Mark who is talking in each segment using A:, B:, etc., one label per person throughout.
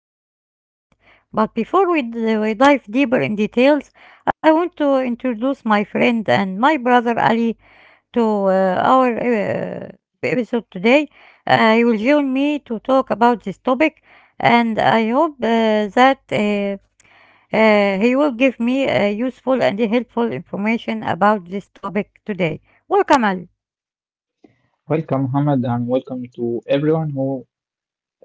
A: sustain impact. But before we dive deeper in details, I want to introduce my friend and my brother Ali to our episode today. You will join me to talk about this topic and I hope that he will give me useful and helpful information about this topic today. Welcome, Ali.
B: Welcome, Hamad, and welcome to everyone who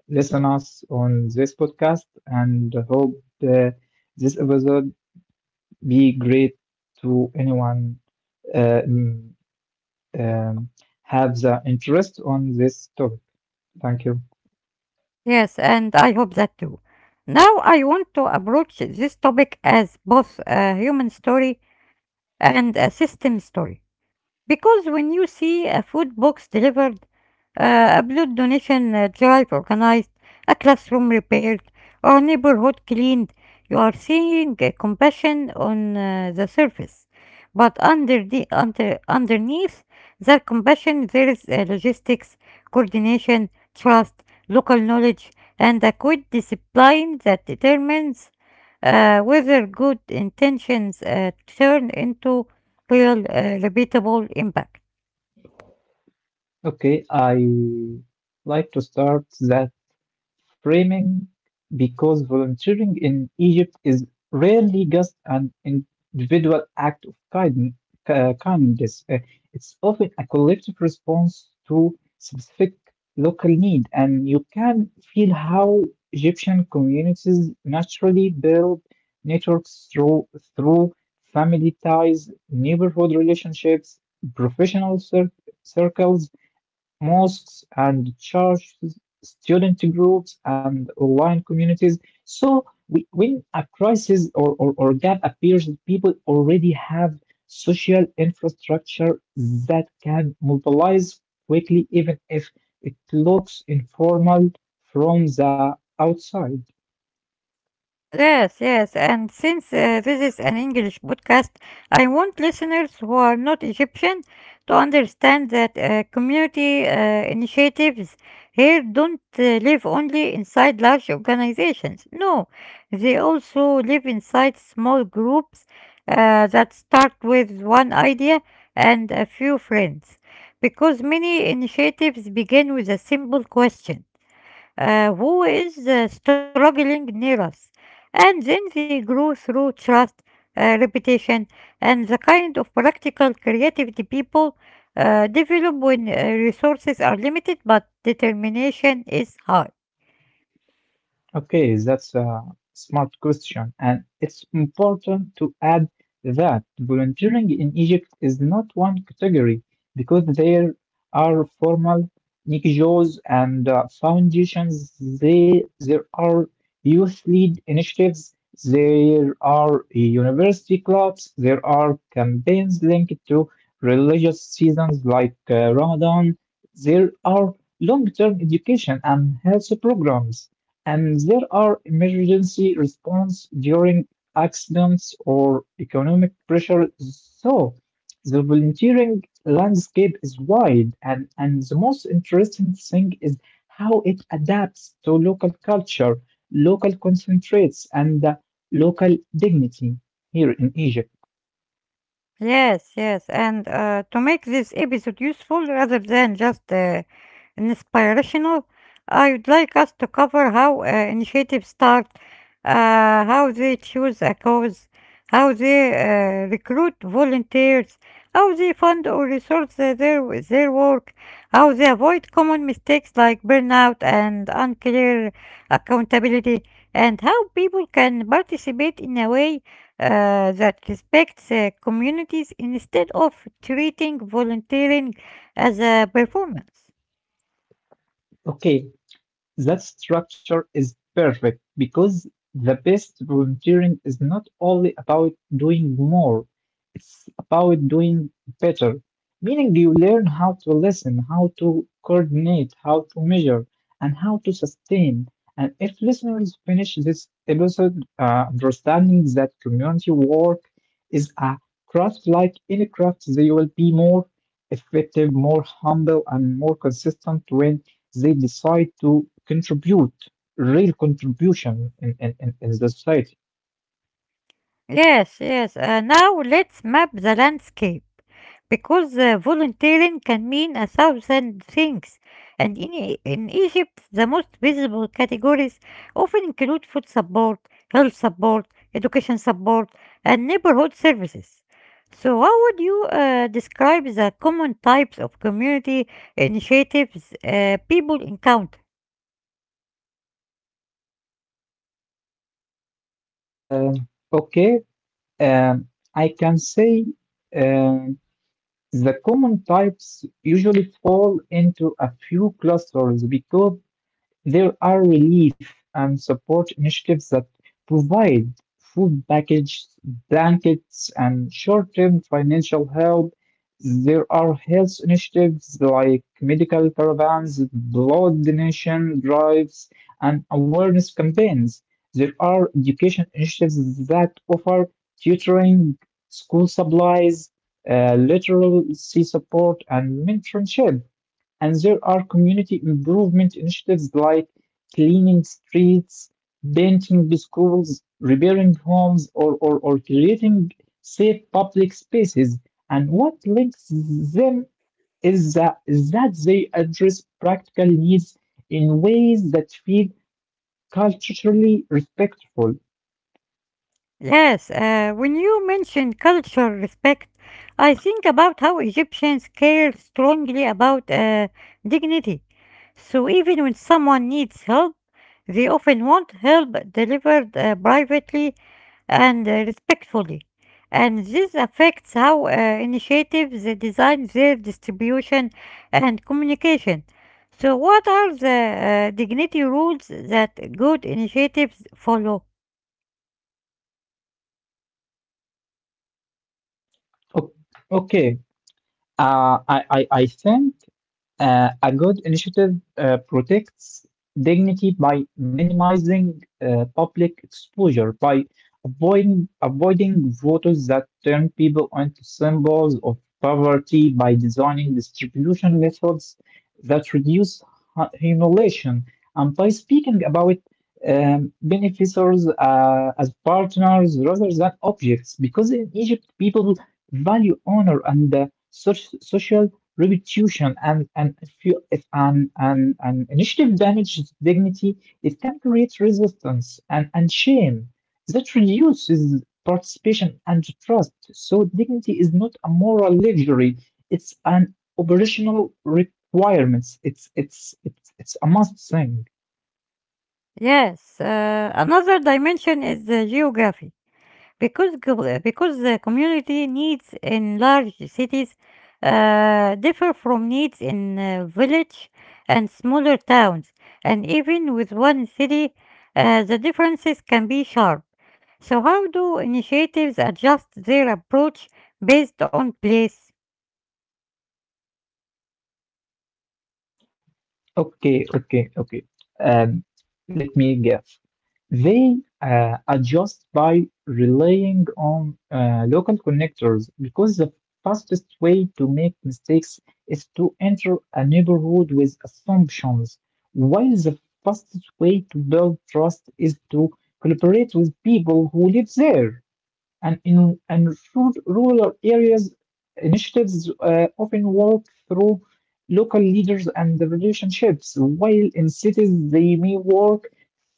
B: listen us on this podcast. And hope uh, this episode be great to anyone uh, mm, um, have the interest on this topic. Thank you.
A: Yes, and I hope that too. Now I want to approach this topic as both a human story and a system story. Because when you see a food box delivered, a blood donation drive organized, a classroom repaired, or a neighborhood cleaned, you are seeing compassion on the surface. But underneath that compassion, there is logistics, coordination, trust, local knowledge, and a good discipline that determines whether good intentions turn into real, repeatable impact.
B: Okay, I like to start the framing because volunteering in Egypt is rarely just an individual act of kindness. It's often a collective response to specific local need, and you can feel how Egyptian communities naturally build networks through family ties, neighborhood relationships, professional cir- circles, mosques and churches, student groups and online communities. So when a crisis or gap appears, people already have social infrastructure that can mobilize quickly, even if it looks informal from the outside.
A: Yes, yes, and since this is an English podcast, I want listeners who are not Egyptian to understand that community initiatives here don't live only inside large organizations. No, they also live inside small groups that start with one idea and a few friends. Because many initiatives begin with a simple question, who is struggling near us. And then they grow through trust, repetition, and the kind of practical creativity people develop when resources are limited but determination is high.
B: Okay, that's a smart question, and it's important to add that volunteering in Egypt is not one category because there are formal NGOs and foundations. There are youth led initiatives, there are university clubs, there are campaigns linked to religious seasons like Ramadan, there are long term education and health programs. And there are emergency response during accidents or economic pressure. So the volunteering landscape is wide, and the most interesting thing is how it adapts to local culture, local concentrates, and local dignity here in Egypt.
A: Yes, yes. And to make this episode useful rather than just inspirational, I would like us to cover how initiatives start, how they choose a cause, how they recruit volunteers, how they fund or resource their work, how they avoid common mistakes like burnout and unclear accountability, and how people can participate in a way that respects communities instead of treating volunteering as a performance.
B: Okay, that structure is perfect because the best volunteering is not only about doing more, it's about doing better. Meaning you learn how to listen, how to coordinate, how to measure, and how to sustain. And if listeners finish this episode understanding that community work is a craft like any craft, they will be more effective, more humble, and more consistent when they decide to contribute real contribution in the society.
A: Yes, yes. Now let's map the landscape because volunteering can mean a thousand things. And in Egypt, the most visible categories often include food support, health support, education support, and neighborhood services. So, how would you describe the common types of community initiatives people encounter?
B: Okay, um, I can say um, the common types usually fall into a few clusters because there are relief and support initiatives that provide food packages, blankets, and short-term financial help. There are health initiatives like medical caravans, blood donation drives, and awareness campaigns. There are education initiatives that offer tutoring, school supplies, literacy support, and mentorship. And there are community improvement initiatives like cleaning streets, painting schools, repairing homes, or creating safe public spaces. And what links them is that they address practical needs in ways that feel culturally respectful.
A: Yes, when you mention cultural respect, I think about how Egyptians care strongly about dignity. So even when someone needs help, they often want help delivered privately and respectfully. And this affects how initiatives design their distribution and communication. So, what are the dignity rules that good initiatives follow?
B: O- Okay, I think a good initiative protects dignity by minimizing public exposure, by avoiding voters that turn people into symbols of poverty, by designing distribution methods that reduce humiliation, and by speaking about beneficiaries as partners rather than objects. Because in Egypt, people value honor and social repetition, and if you if an an initiative damages dignity, it can create resistance and shame that reduces participation and trust. So dignity is not a moral luxury; it's an operational requirement. It's a must thing.
A: Yes, another dimension is the geography because the community needs in large cities differ from needs in village and smaller towns, and even with one city, the differences can be sharp. So, how do initiatives adjust their approach based on place?
B: Okay. Um, Let me guess. They adjust by relying on local connectors because the fastest way to make mistakes is to enter a neighborhood with assumptions, while the fastest way to build trust is to collaborate with people who live there. And in and rural areas, initiatives often work through local leaders and the relationships, while in cities they may work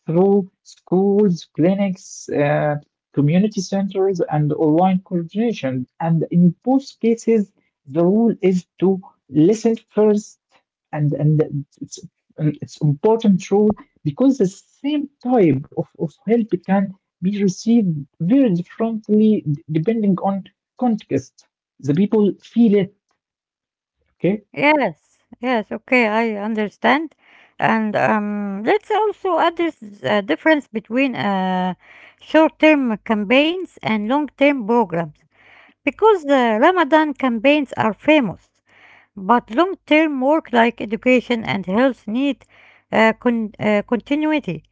B: through schools, clinics, community centers, and online coordination. And in both cases, the rule is to listen first, and and it's and it's important rule because the same type of help can be received very differently depending on context. The people feel it, okay?
A: Yes, yes, okay, I understand. And let's also address the difference between short-term campaigns and long-term programs. Because the Ramadan campaigns are famous, but long-term work like education and health need continuity.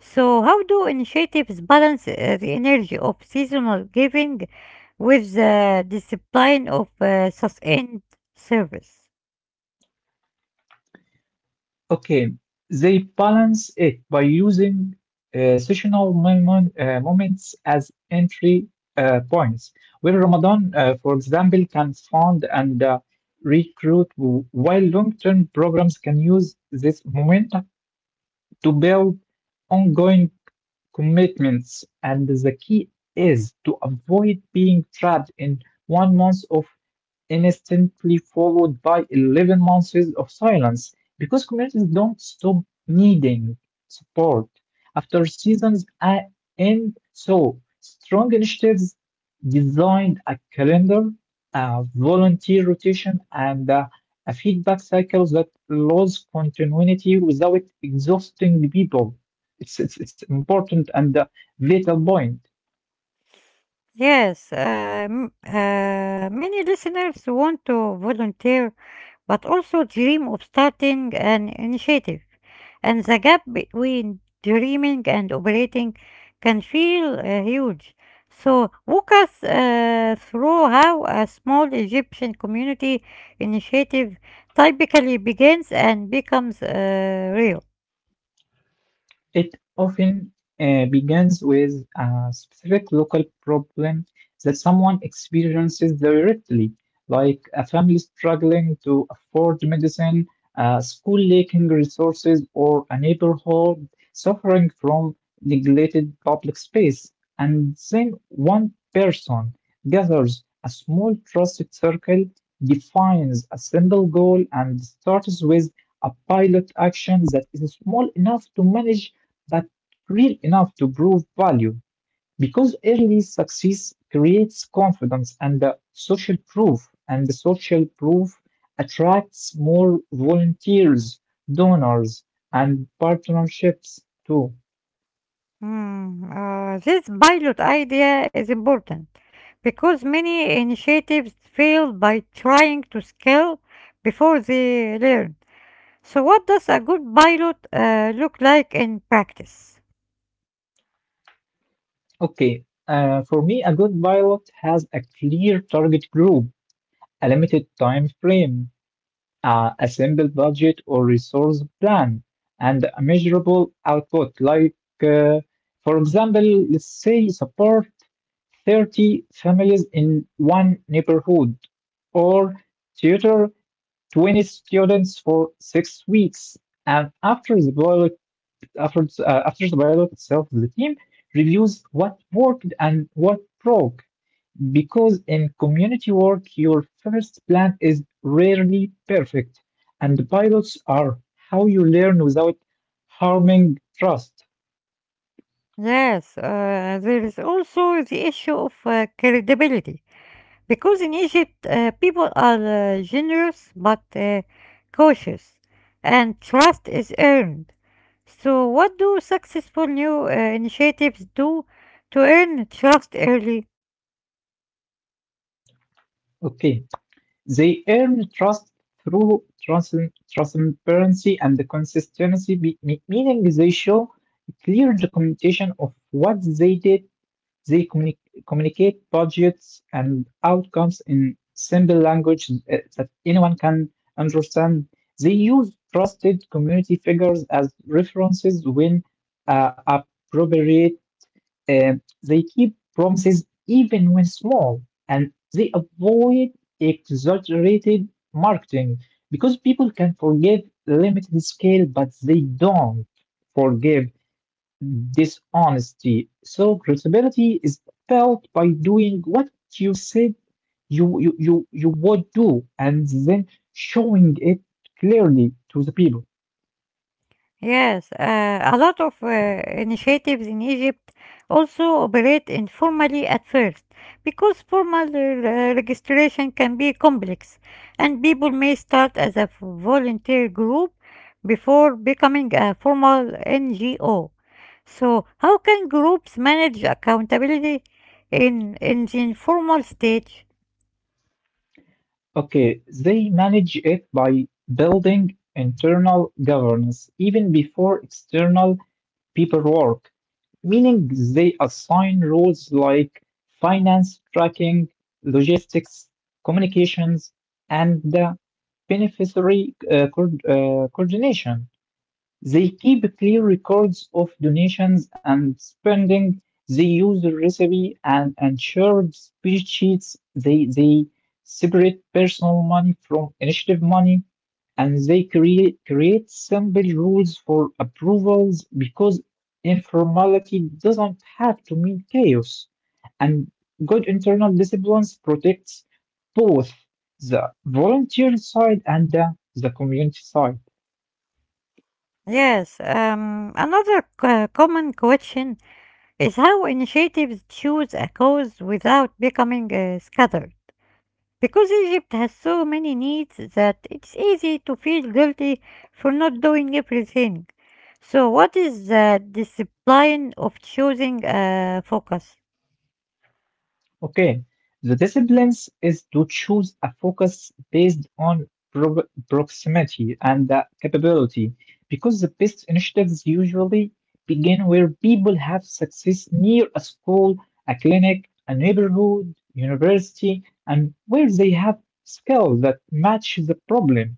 A: So how do initiatives balance the energy of seasonal giving with the discipline of sustained service?
B: Okay, they balance it by using moments as entry points, where Ramadan, for example, can fund and recruit, while long term programs can use this momentum to build ongoing commitments, and the key is to avoid being trapped in 1 month of instantly followed by 11 months of silence because communities don't stop needing support after end. So, strong initiatives designed a calendar, a volunteer rotation, and a feedback cycle that allows continuity without exhausting the people. It's important and a vital point.
A: Yes, many listeners want to volunteer but also dream of starting an initiative, and the gap between dreaming and operating can feel huge. So, walk us through how a small Egyptian community initiative typically begins and becomes real.
B: It often begins with a specific local problem that someone experiences directly, like a family struggling to afford medicine, a school lacking resources, or a neighborhood suffering from neglected public space. And then one person gathers a small trusted circle, defines a simple goal, and starts with a pilot action that is small enough to manage that real enough to prove value because early success creates confidence and the social proof attracts more volunteers, donors, and partnerships too.
A: Mm, this pilot idea is important because many initiatives fail by trying to scale before they learn. So, what does a good pilot look like in practice?
B: Okay, for me a good pilot has a clear target group, a limited time frame, a simple budget or resource plan, and a measurable output. Like, uh, for example, let's say support 30 families in one neighborhood, or tutor 20 students for 6 weeks. And after the pilot, after the pilot itself, the team reviews what worked and what broke. Because in community work, your first plan is rarely perfect, and pilots are how you learn without harming trust.
A: Yes, there is also the issue of credibility because in Egypt people are generous but cautious, and trust is earned. So, what do successful new initiatives do to earn trust early?
B: Okay, they earn trust through transparency and the consistency, meaning they show clear documentation of what they did. They communi communicate budgets and outcomes in simple language that anyone can understand. They use trusted community figures as references when appropriate. Uh, they keep promises even when small, and they avoid exaggerated marketing because people can forgive limited scale, but they don't forgive dishonesty. So credibility is felt by doing what you said you you you, you would do and then showing it clearly to the people.
A: Yes, a lot of initiatives in Egypt also operate informally at first because formal registration can be complex and people may start as a volunteer group before becoming a formal NGO. So, how can groups manage accountability in the informal stage?
B: Okay, they manage it by building internal governance even before external paperwork, meaning they assign roles like finance, tracking, logistics, communications, and beneficiary coordination. They keep clear records of donations and spending. They use the recipe and shared spreadsheets. They separate personal money from initiative money, and they create simple rules for approvals because informality doesn't have to mean chaos. And good internal disciplines protects both the volunteer side and the community side.
A: Yes, another common question is how initiatives choose a cause without becoming scattered. Because Egypt has so many needs that it's easy to feel guilty for not doing everything. So, what is the discipline of choosing a focus?
B: Okay, the disciplines is to choose a focus based on proximity and the capability, because the best initiatives usually begin where people have success near a school, a clinic, a neighborhood, university, and where they have skills that match the problem.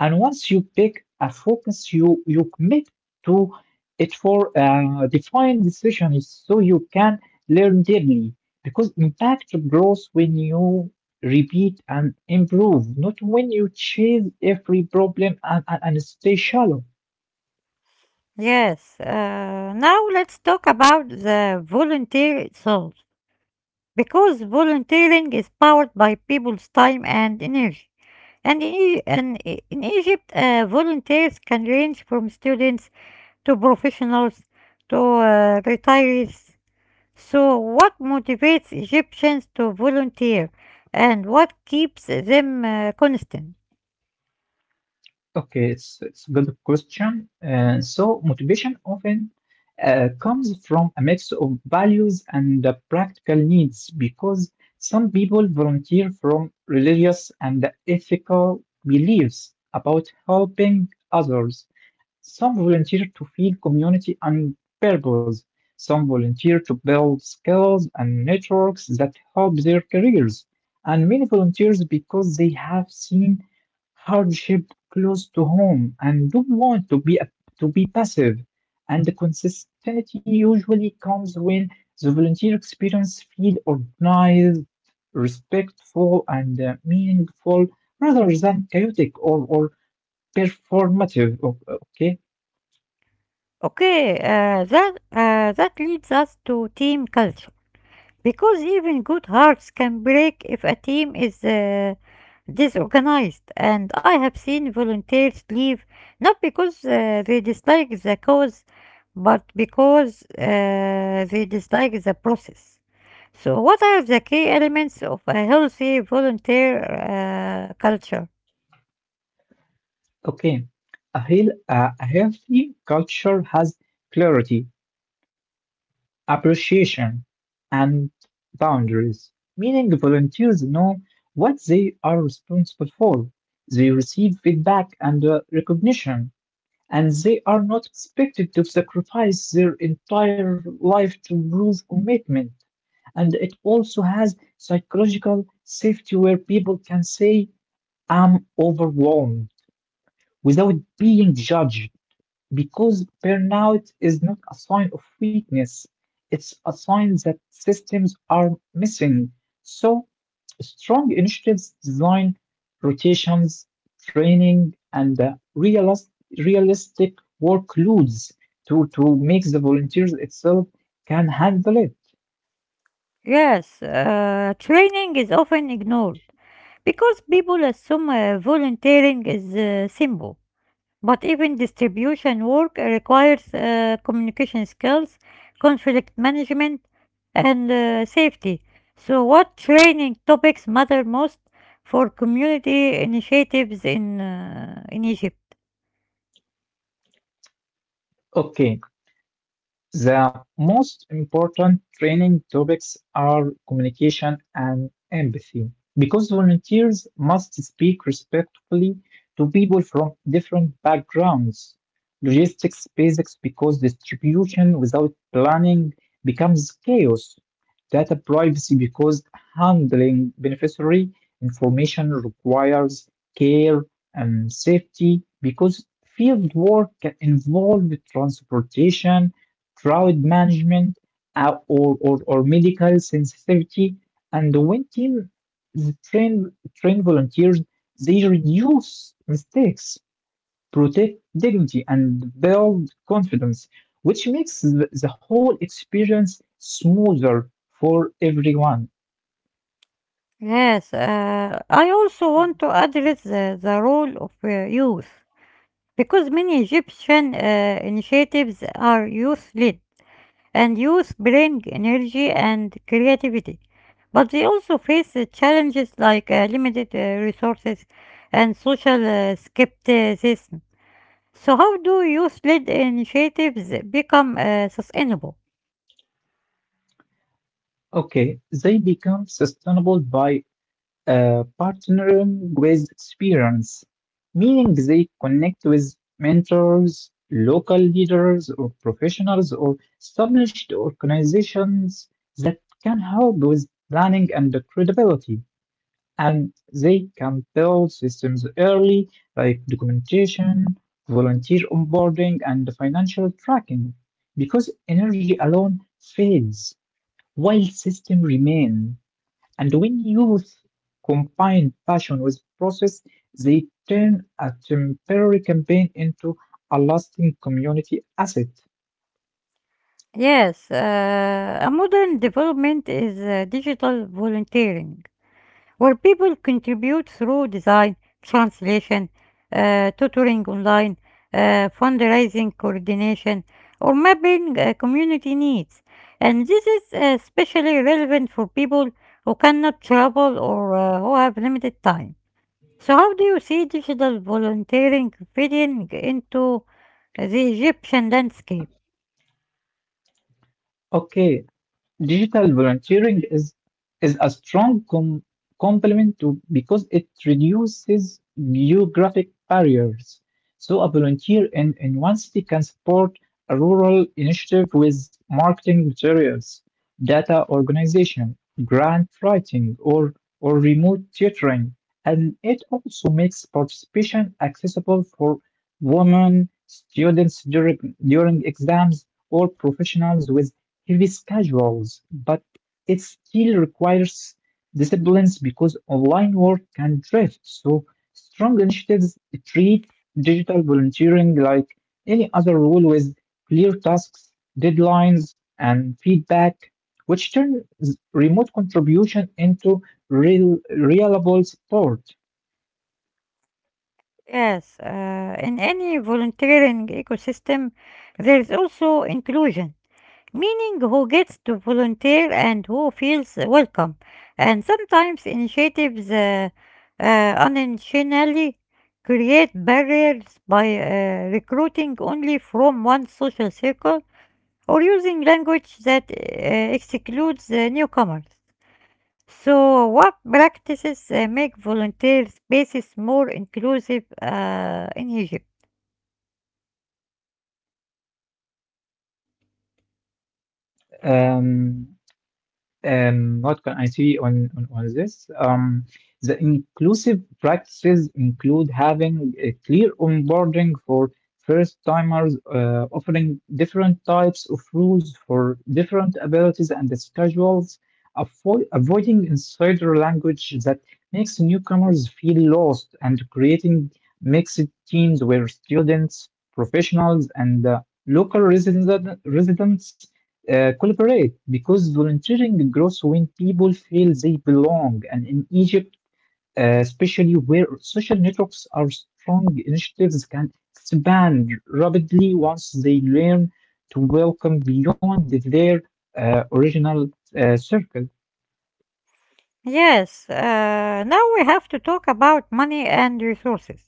B: And once you pick a focus, you commit to it for defined decisions so you can learn daily. Because impact grows when you repeat and improve, not when you chase every problem and stay shallow.
A: Yes, now let's talk about the volunteer itself. Because volunteering is powered by people's time and energy. And in, E- and I- in Egypt, volunteers can range from students to professionals to retirees. So, what motivates Egyptians to volunteer and what keeps them constant?
B: Okay, it's a good question. So motivation often comes from a mix of values and practical needs because some people volunteer from religious and ethical beliefs about helping others, some volunteered to feed community on purpose. Some volunteered to build skills and networks that help their careers. And many volunteers because they have seen hardship close to home and don't want to be passive. And the consistency usually comes when the volunteer experience feel organized, respectful, and meaningful rather than chaotic or performative. Okay.
A: Okay, that leads us to team culture. Because even good hearts can break if a team is disorganized, and I have seen volunteers leave not because they dislike the cause, but because they dislike the process. So, what are the key elements of a healthy volunteer culture?
B: Okay, a healthy culture has clarity, appreciation, and boundaries, meaning volunteers know what they are responsible for. They receive feedback and recognition, and they are not expected to sacrifice their entire life to prove commitment. And it also has psychological safety where people can say, I'm overwhelmed without being judged. Because burnout is not a sign of weakness, it's a sign that systems are missing. So, strong initiatives design rotations, training, and realistic workloads to make the volunteers itself can handle it.
A: Yes, training is often ignored because people assume volunteering is simple. But even distribution work requires communication skills, conflict management, and safety. So, what training topics matter most for community initiatives in Egypt?
B: Okay, the most important training topics are communication and empathy, because volunteers must speak respectfully to people from different backgrounds. Logistics basics, because distribution without planning becomes chaos. Data privacy, because handling beneficiary information requires care and safety, because field work can involve transportation, crowd management, or medical sensitivity. And when teams train volunteers, they reduce mistakes, protect dignity, and build confidence, which makes the whole experience smoother for everyone.
A: Yes, I also want to address the role of youth because many Egyptian initiatives are youth led, and youth bring energy and creativity. But they also face challenges like limited resources and social skepticism. So, how do youth led initiatives become sustainable?
B: Okay, they become sustainable by partnering with experience, meaning they connect with mentors, local leaders, or professionals, or established organizations that can help with planning and credibility. And they can build systems early, like documentation, volunteer onboarding, and financial tracking, because energy alone fails while system remain. And when youth combine passion with process, they turn a temporary campaign into a lasting community asset.
A: Yes, a modern development is digital volunteering, where people contribute through design, translation, tutoring online, fundraising coordination, or mapping community needs. And this is especially relevant for people who cannot travel or who have limited time. So, how do you see digital volunteering fitting into the Egyptian landscape?
B: Okay, digital volunteering is a strong complement to because it reduces geographic barriers. So a volunteer in one city can support a rural initiative with marketing materials, data organization, grant writing, or remote tutoring. And it also makes participation accessible for women, students during exams, or professionals with heavy schedules, but it still requires disciplines because online work can drift. So, strong initiatives treat digital volunteering like any other role with clear tasks, deadlines, and feedback, which turns remote contribution into real, reliable support.
A: Yes, in any volunteering ecosystem, there is also inclusion, meaning who gets to volunteer and who feels welcome. And sometimes initiatives unintentionally create barriers by recruiting only from one social circle or using language that excludes newcomers. So, what practices make volunteer spaces more inclusive in Egypt?
B: Um, what can I say on this? The inclusive practices include having a clear onboarding for first timers, offering different types of rules for different abilities and schedules, avoiding insider language that makes newcomers feel lost, and creating mixed teams where students, professionals, and local residents collaborate, because volunteering grows when people feel they belong. And in Egypt, especially where social networks are strong, initiatives can expand rapidly once they learn to welcome beyond their original circle.
A: Yes, now we have to talk about money and resources.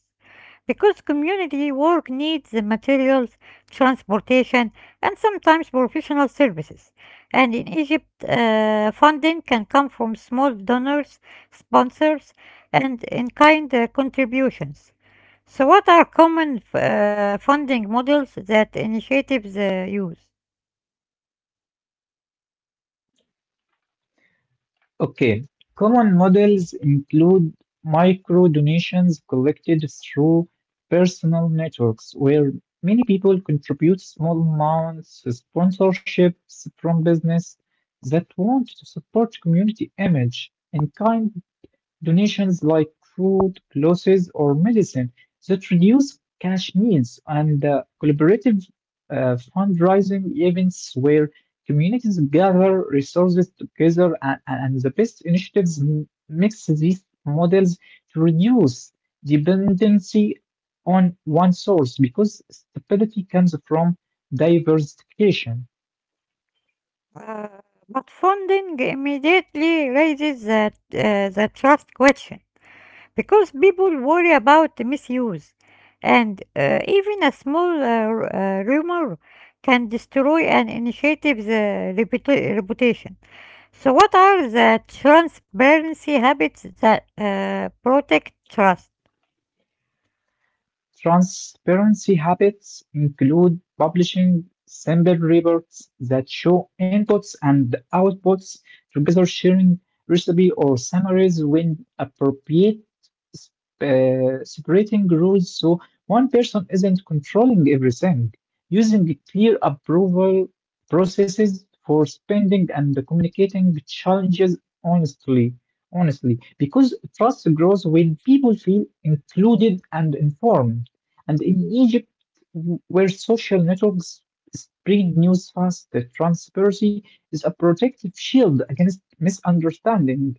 A: Because community work needs the materials, transportation, and sometimes professional services. And in Egypt, funding can come from small donors, sponsors, and in kind contributions. So, what are common funding models that initiatives use?
B: Okay, common models include micro donations collected through personal networks, where many people contribute small amounts, sponsorships from business that want to support community image, and kind donations like food, clothes, or medicine that reduce cash needs, and collaborative fundraising events where communities gather resources together. And the best initiatives mix these models to reduce dependency on one source because stability comes from diversification.
A: Uh, but funding immediately raises the trust question, because people worry about the misuse, and even a small rumor can destroy an initiative's reputation. So, what are the transparency habits that protect trust?
B: Transparency habits include publishing simple reports that show inputs and outputs, together sharing recipe or summaries when appropriate, separating roles so one person isn't controlling everything, using clear approval processes for spending, and communicating challenges honestly honestly, because trust grows when people feel included and informed. And in Egypt, where social networks spread news fast, the transparency is a protective shield against misunderstanding.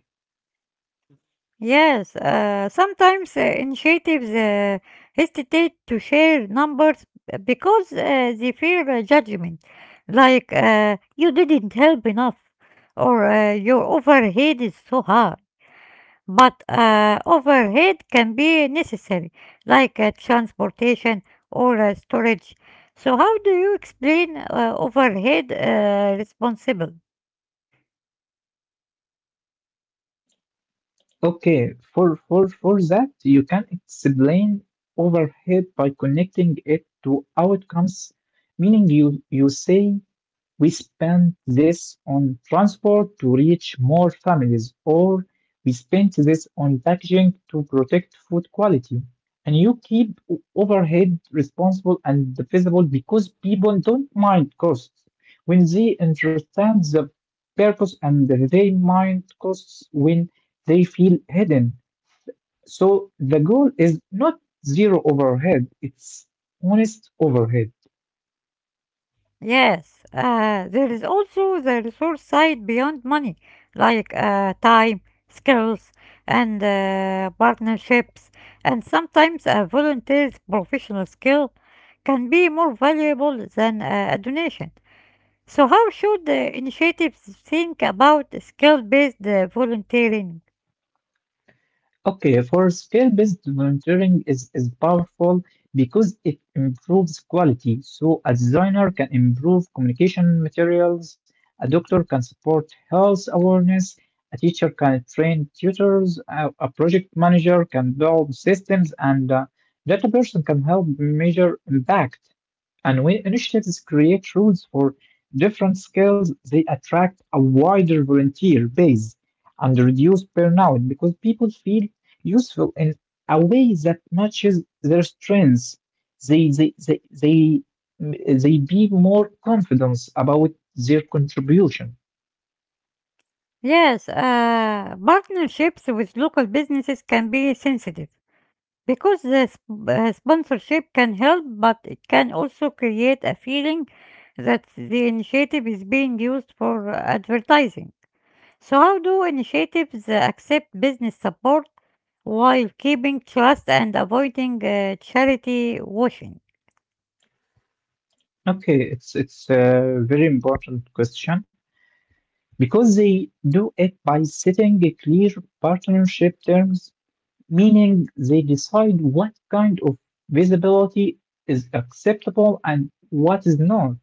A: Yes, sometimes initiatives hesitate to share numbers because they fear judgment, like you didn't help enough or your offer hit is so high. But overhead can be necessary, like transportation or storage. So, how do you explain overhead responsible?
B: Okay, for that, you can explain overhead by connecting it to outcomes, meaning you, you say, "We spend this on transport to reach more families," or "we spend this on packaging to protect food quality." And you keep overhead responsible and visible because people don't mind costs when they understand the purpose, and they mind costs when they feel hidden. So the goal is not zero overhead, it's honest overhead.
A: Yes, there is also the resource side beyond money, like time, skills, and partnerships, and sometimes a volunteer's professional skill can be more valuable than a donation. So, how should the initiatives think about skill based volunteering?
B: Okay, for skill-based monitoring is powerful because it improves quality. So a designer can improve communication materials, a doctor can support health awareness, a teacher can train tutors, a project manager can build systems, and a data person can help measure impact. And when initiatives create rules for different skills, they attract a wider volunteer base and reduce burnout because people feel useful in a way that matches their strengths. They they they they, they be more confident about their contribution.
A: Yes, partnerships with local businesses can be sensitive because the sponsorship can help, but it can also create a feeling that the initiative is being used for advertising. So, how do initiatives accept business support while keeping trust and avoiding charity washing?
B: Okay, it's a very important question because they do it by setting a clear partnership terms, meaning they decide what kind of visibility is acceptable and what is not.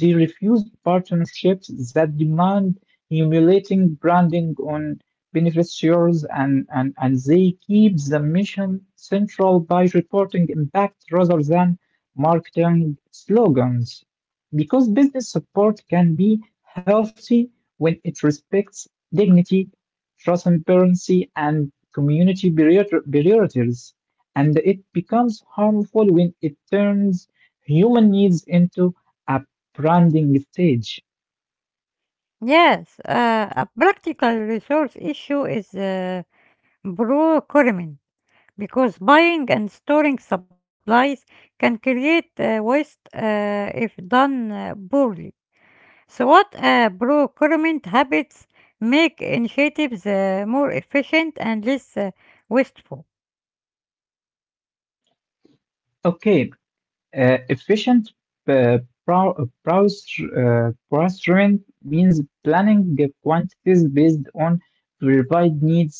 B: They refused partnerships that demand humiliating branding on beneficiaries, and they keep the mission central by reporting impact rather than marketing slogans. Because business support can be healthy when it respects dignity, transparency, and community priorities, and it becomes harmful when it turns human needs into a branding stage.
A: Yes, a practical resource issue is procurement because buying and storing supplies can create waste if done poorly. So, what procurement habits make initiatives more efficient and less wasteful?
B: Okay, efficient uh, brow- browsing means planning the quantities based on verified needs,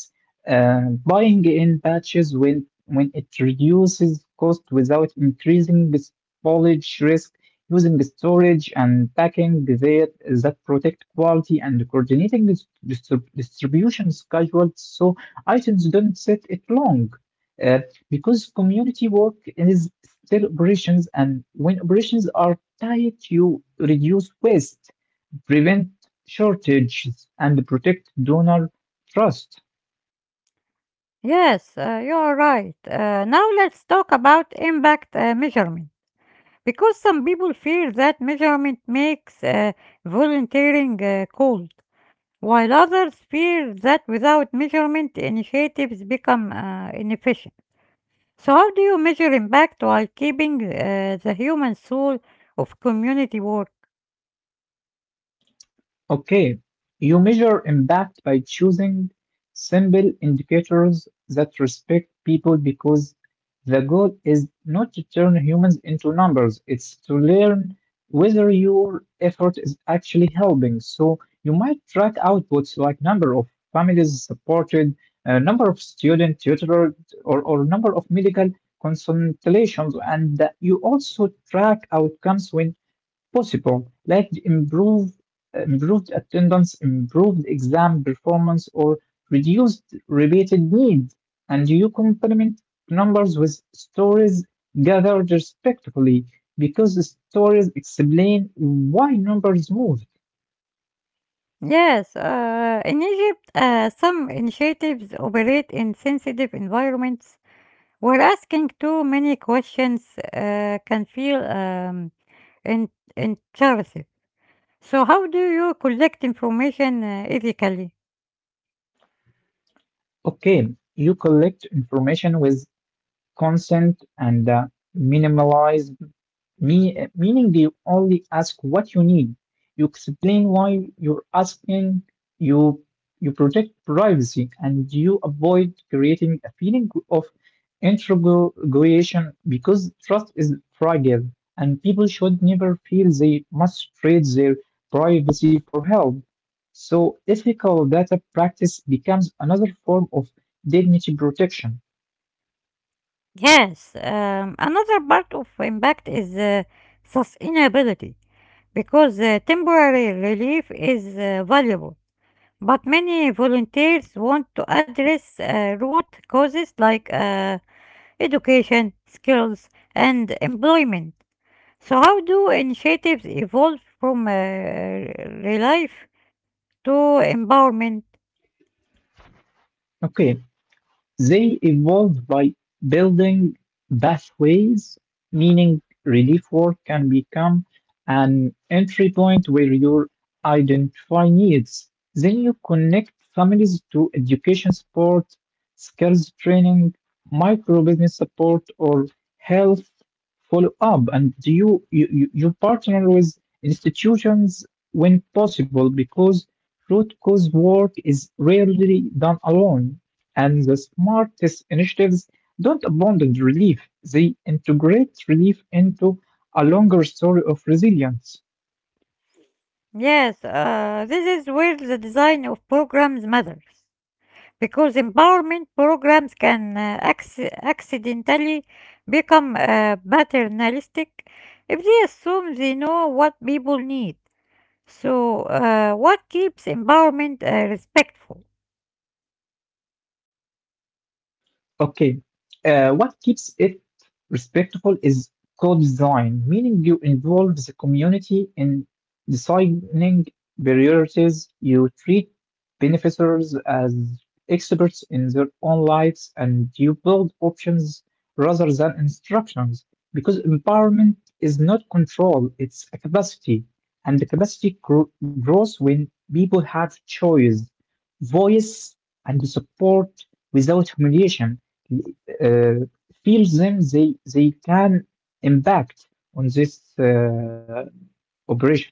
B: buying in batches when it reduces cost without increasing the spoilage risk, using storage and packing that protect quality, and coordinating distribution schedule so items don't sit it long. Uh, because community work is sell operations, and when operations are tight, you reduce waste, prevent shortages, and protect donor trust.
A: Yes, you are right. Now let's talk about impact measurement. Because some people fear that measurement makes volunteering cold, while others fear that without measurement, initiatives become inefficient. So, how do you measure impact while keeping the human soul of community work?
B: Okay, you measure impact by choosing simple indicators that respect people, because the goal is not to turn humans into numbers, it's to learn whether your effort is actually helping. So you might track outputs like number of families supported, number of students tutored, or number of medical consultations, and you also track outcomes when possible, like improved attendance, improved exam performance, or reduced repeated need, and you complement numbers with stories gathered respectfully because stories explain why numbers moved.
A: Yes, in Egypt, some initiatives operate in sensitive environments where asking too many questions can feel in- intrusive. So, how do you collect information ethically?
B: Okay, you collect information with consent and minimalize. Meaning they only ask what you need. You explain why you're asking. You you protect privacy and you avoid creating a feeling of interrogation, because trust is fragile and people should never feel they must trade their privacy for help. So ethical data practice becomes another form of dignity protection.
A: Yes, another part of impact is sustainability because temporary relief is valuable. But many volunteers want to address root causes like education, skills, and employment. So, how do initiatives evolve from relief to empowerment?
B: Okay, they evolved by building pathways, meaning relief work can become an entry point where you identify needs. Then you connect families to education support, skills training, micro business support, or health follow up. And you partner with institutions when possible because root cause work is rarely done alone. And the smart test initiatives don't abandon relief, they integrate relief into a longer story of resilience.
A: Yes, this is where the design of programs matters because empowerment programs can accidentally become paternalistic if they assume they know what people need. So, what keeps empowerment respectful?
B: Okay. What keeps it respectful is co-design, meaning you involve the community in designing priorities. You treat beneficiaries as experts in their own lives, and you build options rather than instructions. Because empowerment is not control, it's a capacity, and the capacity grows when people have choice, voice, and support without humiliation, uh, feel them they can impact on this operation.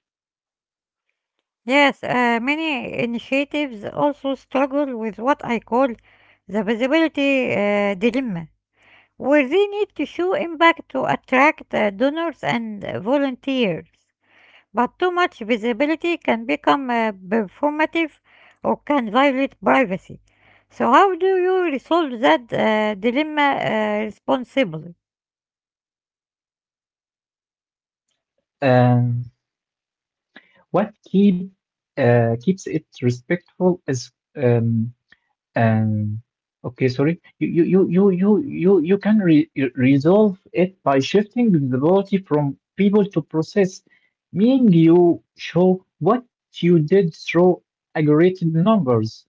A: Yes, many initiatives also struggle with what I call the visibility dilemma where they need to show impact to attract donors and volunteers. But too much visibility can become performative or can violate privacy. So, how do you resolve that dilemma responsibly?
B: um, what keeps it respectful is um, um, okay, sorry, you can resolve it by shifting visibility from people to process, meaning you show what you did through aggregated numbers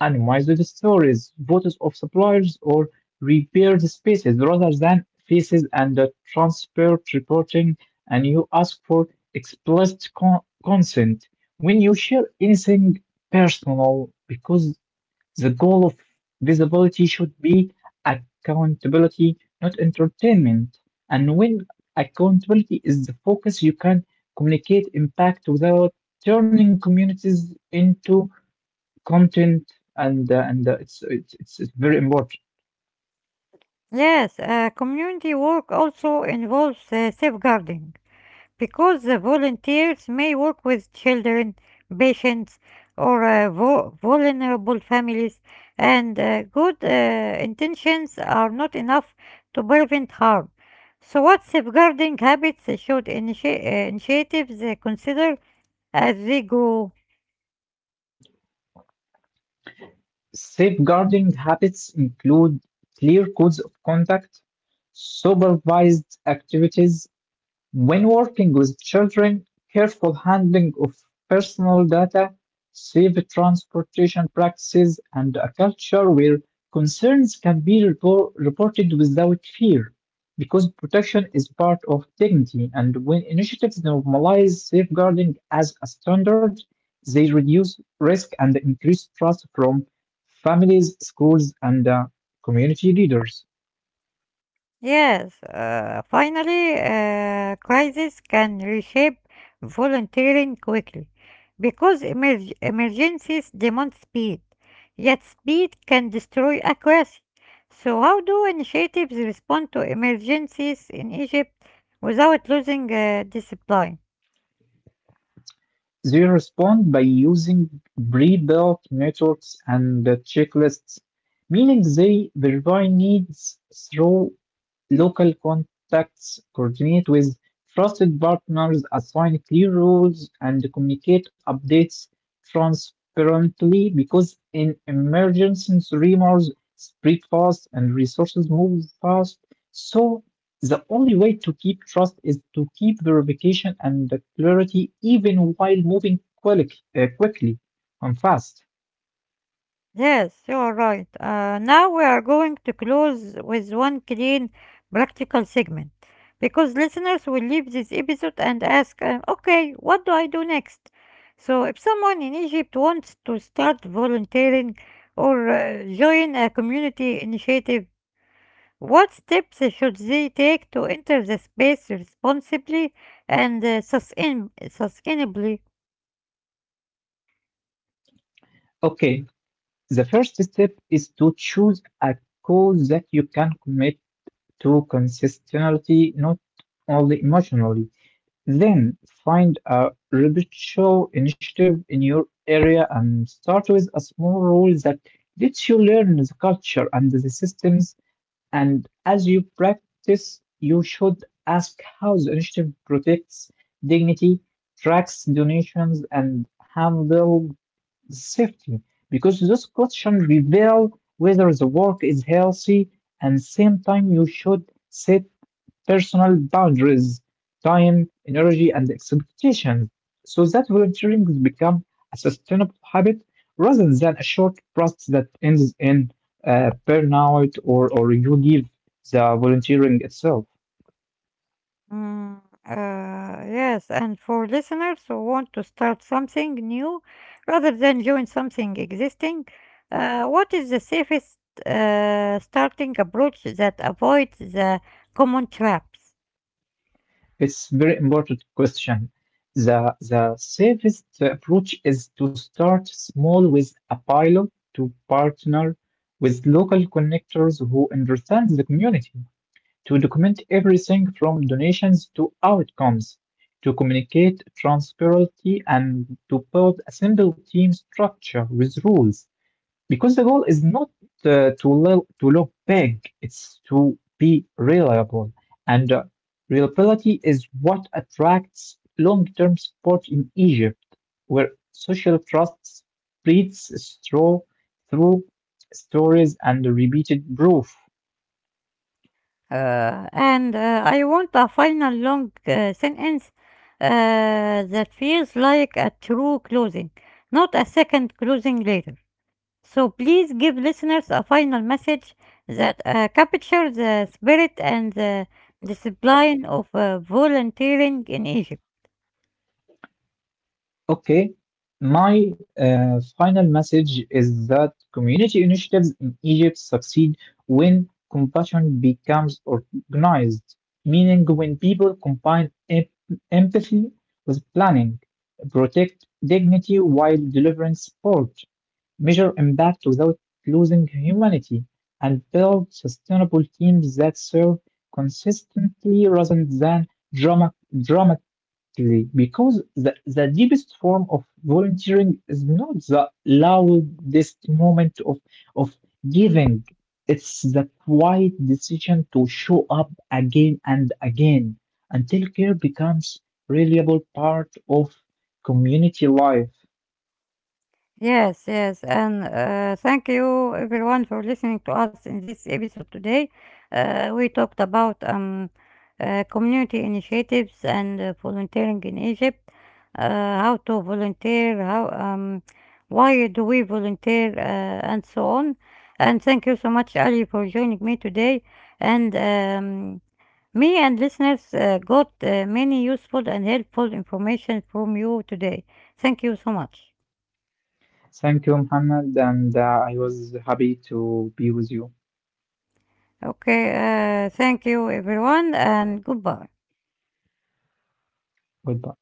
B: animals with stories, photos of suppliers, or repaired spaces rather than faces, and transparent reporting. And you ask for explicit consent when you share anything personal because the goal of visibility should be accountability, not entertainment. And when accountability is the focus, you can communicate impact without turning communities into content. And uh, and uh, it's, it's it's it's very important.
A: Yes, community work also involves safeguarding, because the volunteers may work with children, patients, or vulnerable families, and good intentions are not enough to prevent harm. So, what safeguarding habits should initiatives consider as they go?
B: Safeguarding habits include clear codes of conduct, supervised activities, when working with children, careful handling of personal data, safe transportation practices, and a culture where concerns can be reported without fear, because protection is part of dignity. And when initiatives normalize safeguarding as a standard, they reduce risk and increase trust from families, schools, and community leaders.
A: Yes, finally, crises can reshape volunteering quickly because emergencies demand speed, yet speed can destroy accuracy. So, how do initiatives respond to emergencies in Egypt without losing discipline?
B: They respond by using pre-built networks and checklists, meaning they verify needs through local contacts, coordinate with trusted partners, assign clear rules, and communicate updates transparently, because in emergencies, rumors spread fast and resources move fast. So, the only way to keep trust is to keep verification and the clarity even while moving quickly and fast.
A: Yes, you are right. Now we are going to close with one clean practical segment because listeners will leave this episode and ask, okay, what do I do next? So, if someone in Egypt wants to start volunteering or join a community initiative, what steps should they take to enter the space responsibly and sustainably?
B: Okay, the first step is to choose a cause that you can commit to consistency, not only emotionally. Then find a reputable initiative in your area and start with a small role that lets you learn the culture and the systems. And as you practice, you should ask how the initiative protects dignity, tracks donations, and handles safety, because those questions reveal whether the work is healthy. And same time you should set personal boundaries, time, energy, and expectations, so that volunteering becomes a sustainable habit rather than a short burst that ends in burnout, or you leave the volunteering itself.
A: Mm, yes, and for listeners who want to start something new rather than join something existing, what is the safest starting approach that avoids the common traps?
B: It's very important question. The safest approach is to start small with a pilot, to partner with local connectors who understand the community, to document everything from donations to outcomes, to communicate transparency, and to build a simple team structure with rules. Because the goal is not to look big, it's to be reliable. And reliability is what attracts long term support in Egypt, where social trust spreads through stories and repeated proof.
A: And I want a final long sentence that feels like a true closing, not a second closing later. So please give listeners a final message that captures the spirit and the discipline of volunteering in Egypt.
B: Okay, my final message is that community initiatives in Egypt succeed when compassion becomes organized, meaning when people combine empathy with planning, protect dignity while delivering support, measure impact without losing humanity, and build sustainable teams that serve consistently rather than drama. Exactly, because the deepest form of volunteering is not the loudest moment of giving. It's the quiet decision to show up again and again until care becomes reliable part of community life.
A: Yes, yes, and thank you everyone for listening to us in this episode today. We talked about community initiatives and volunteering in Egypt, how to volunteer, how why do we volunteer, and so on. And thank you so much, Ali, for joining me today. And me and listeners got many useful and helpful information from you today. Thank you so much.
B: Thank you, Muhammad, and I was happy to be with you.
A: Okay, thank you everyone and goodbye.
B: Goodbye.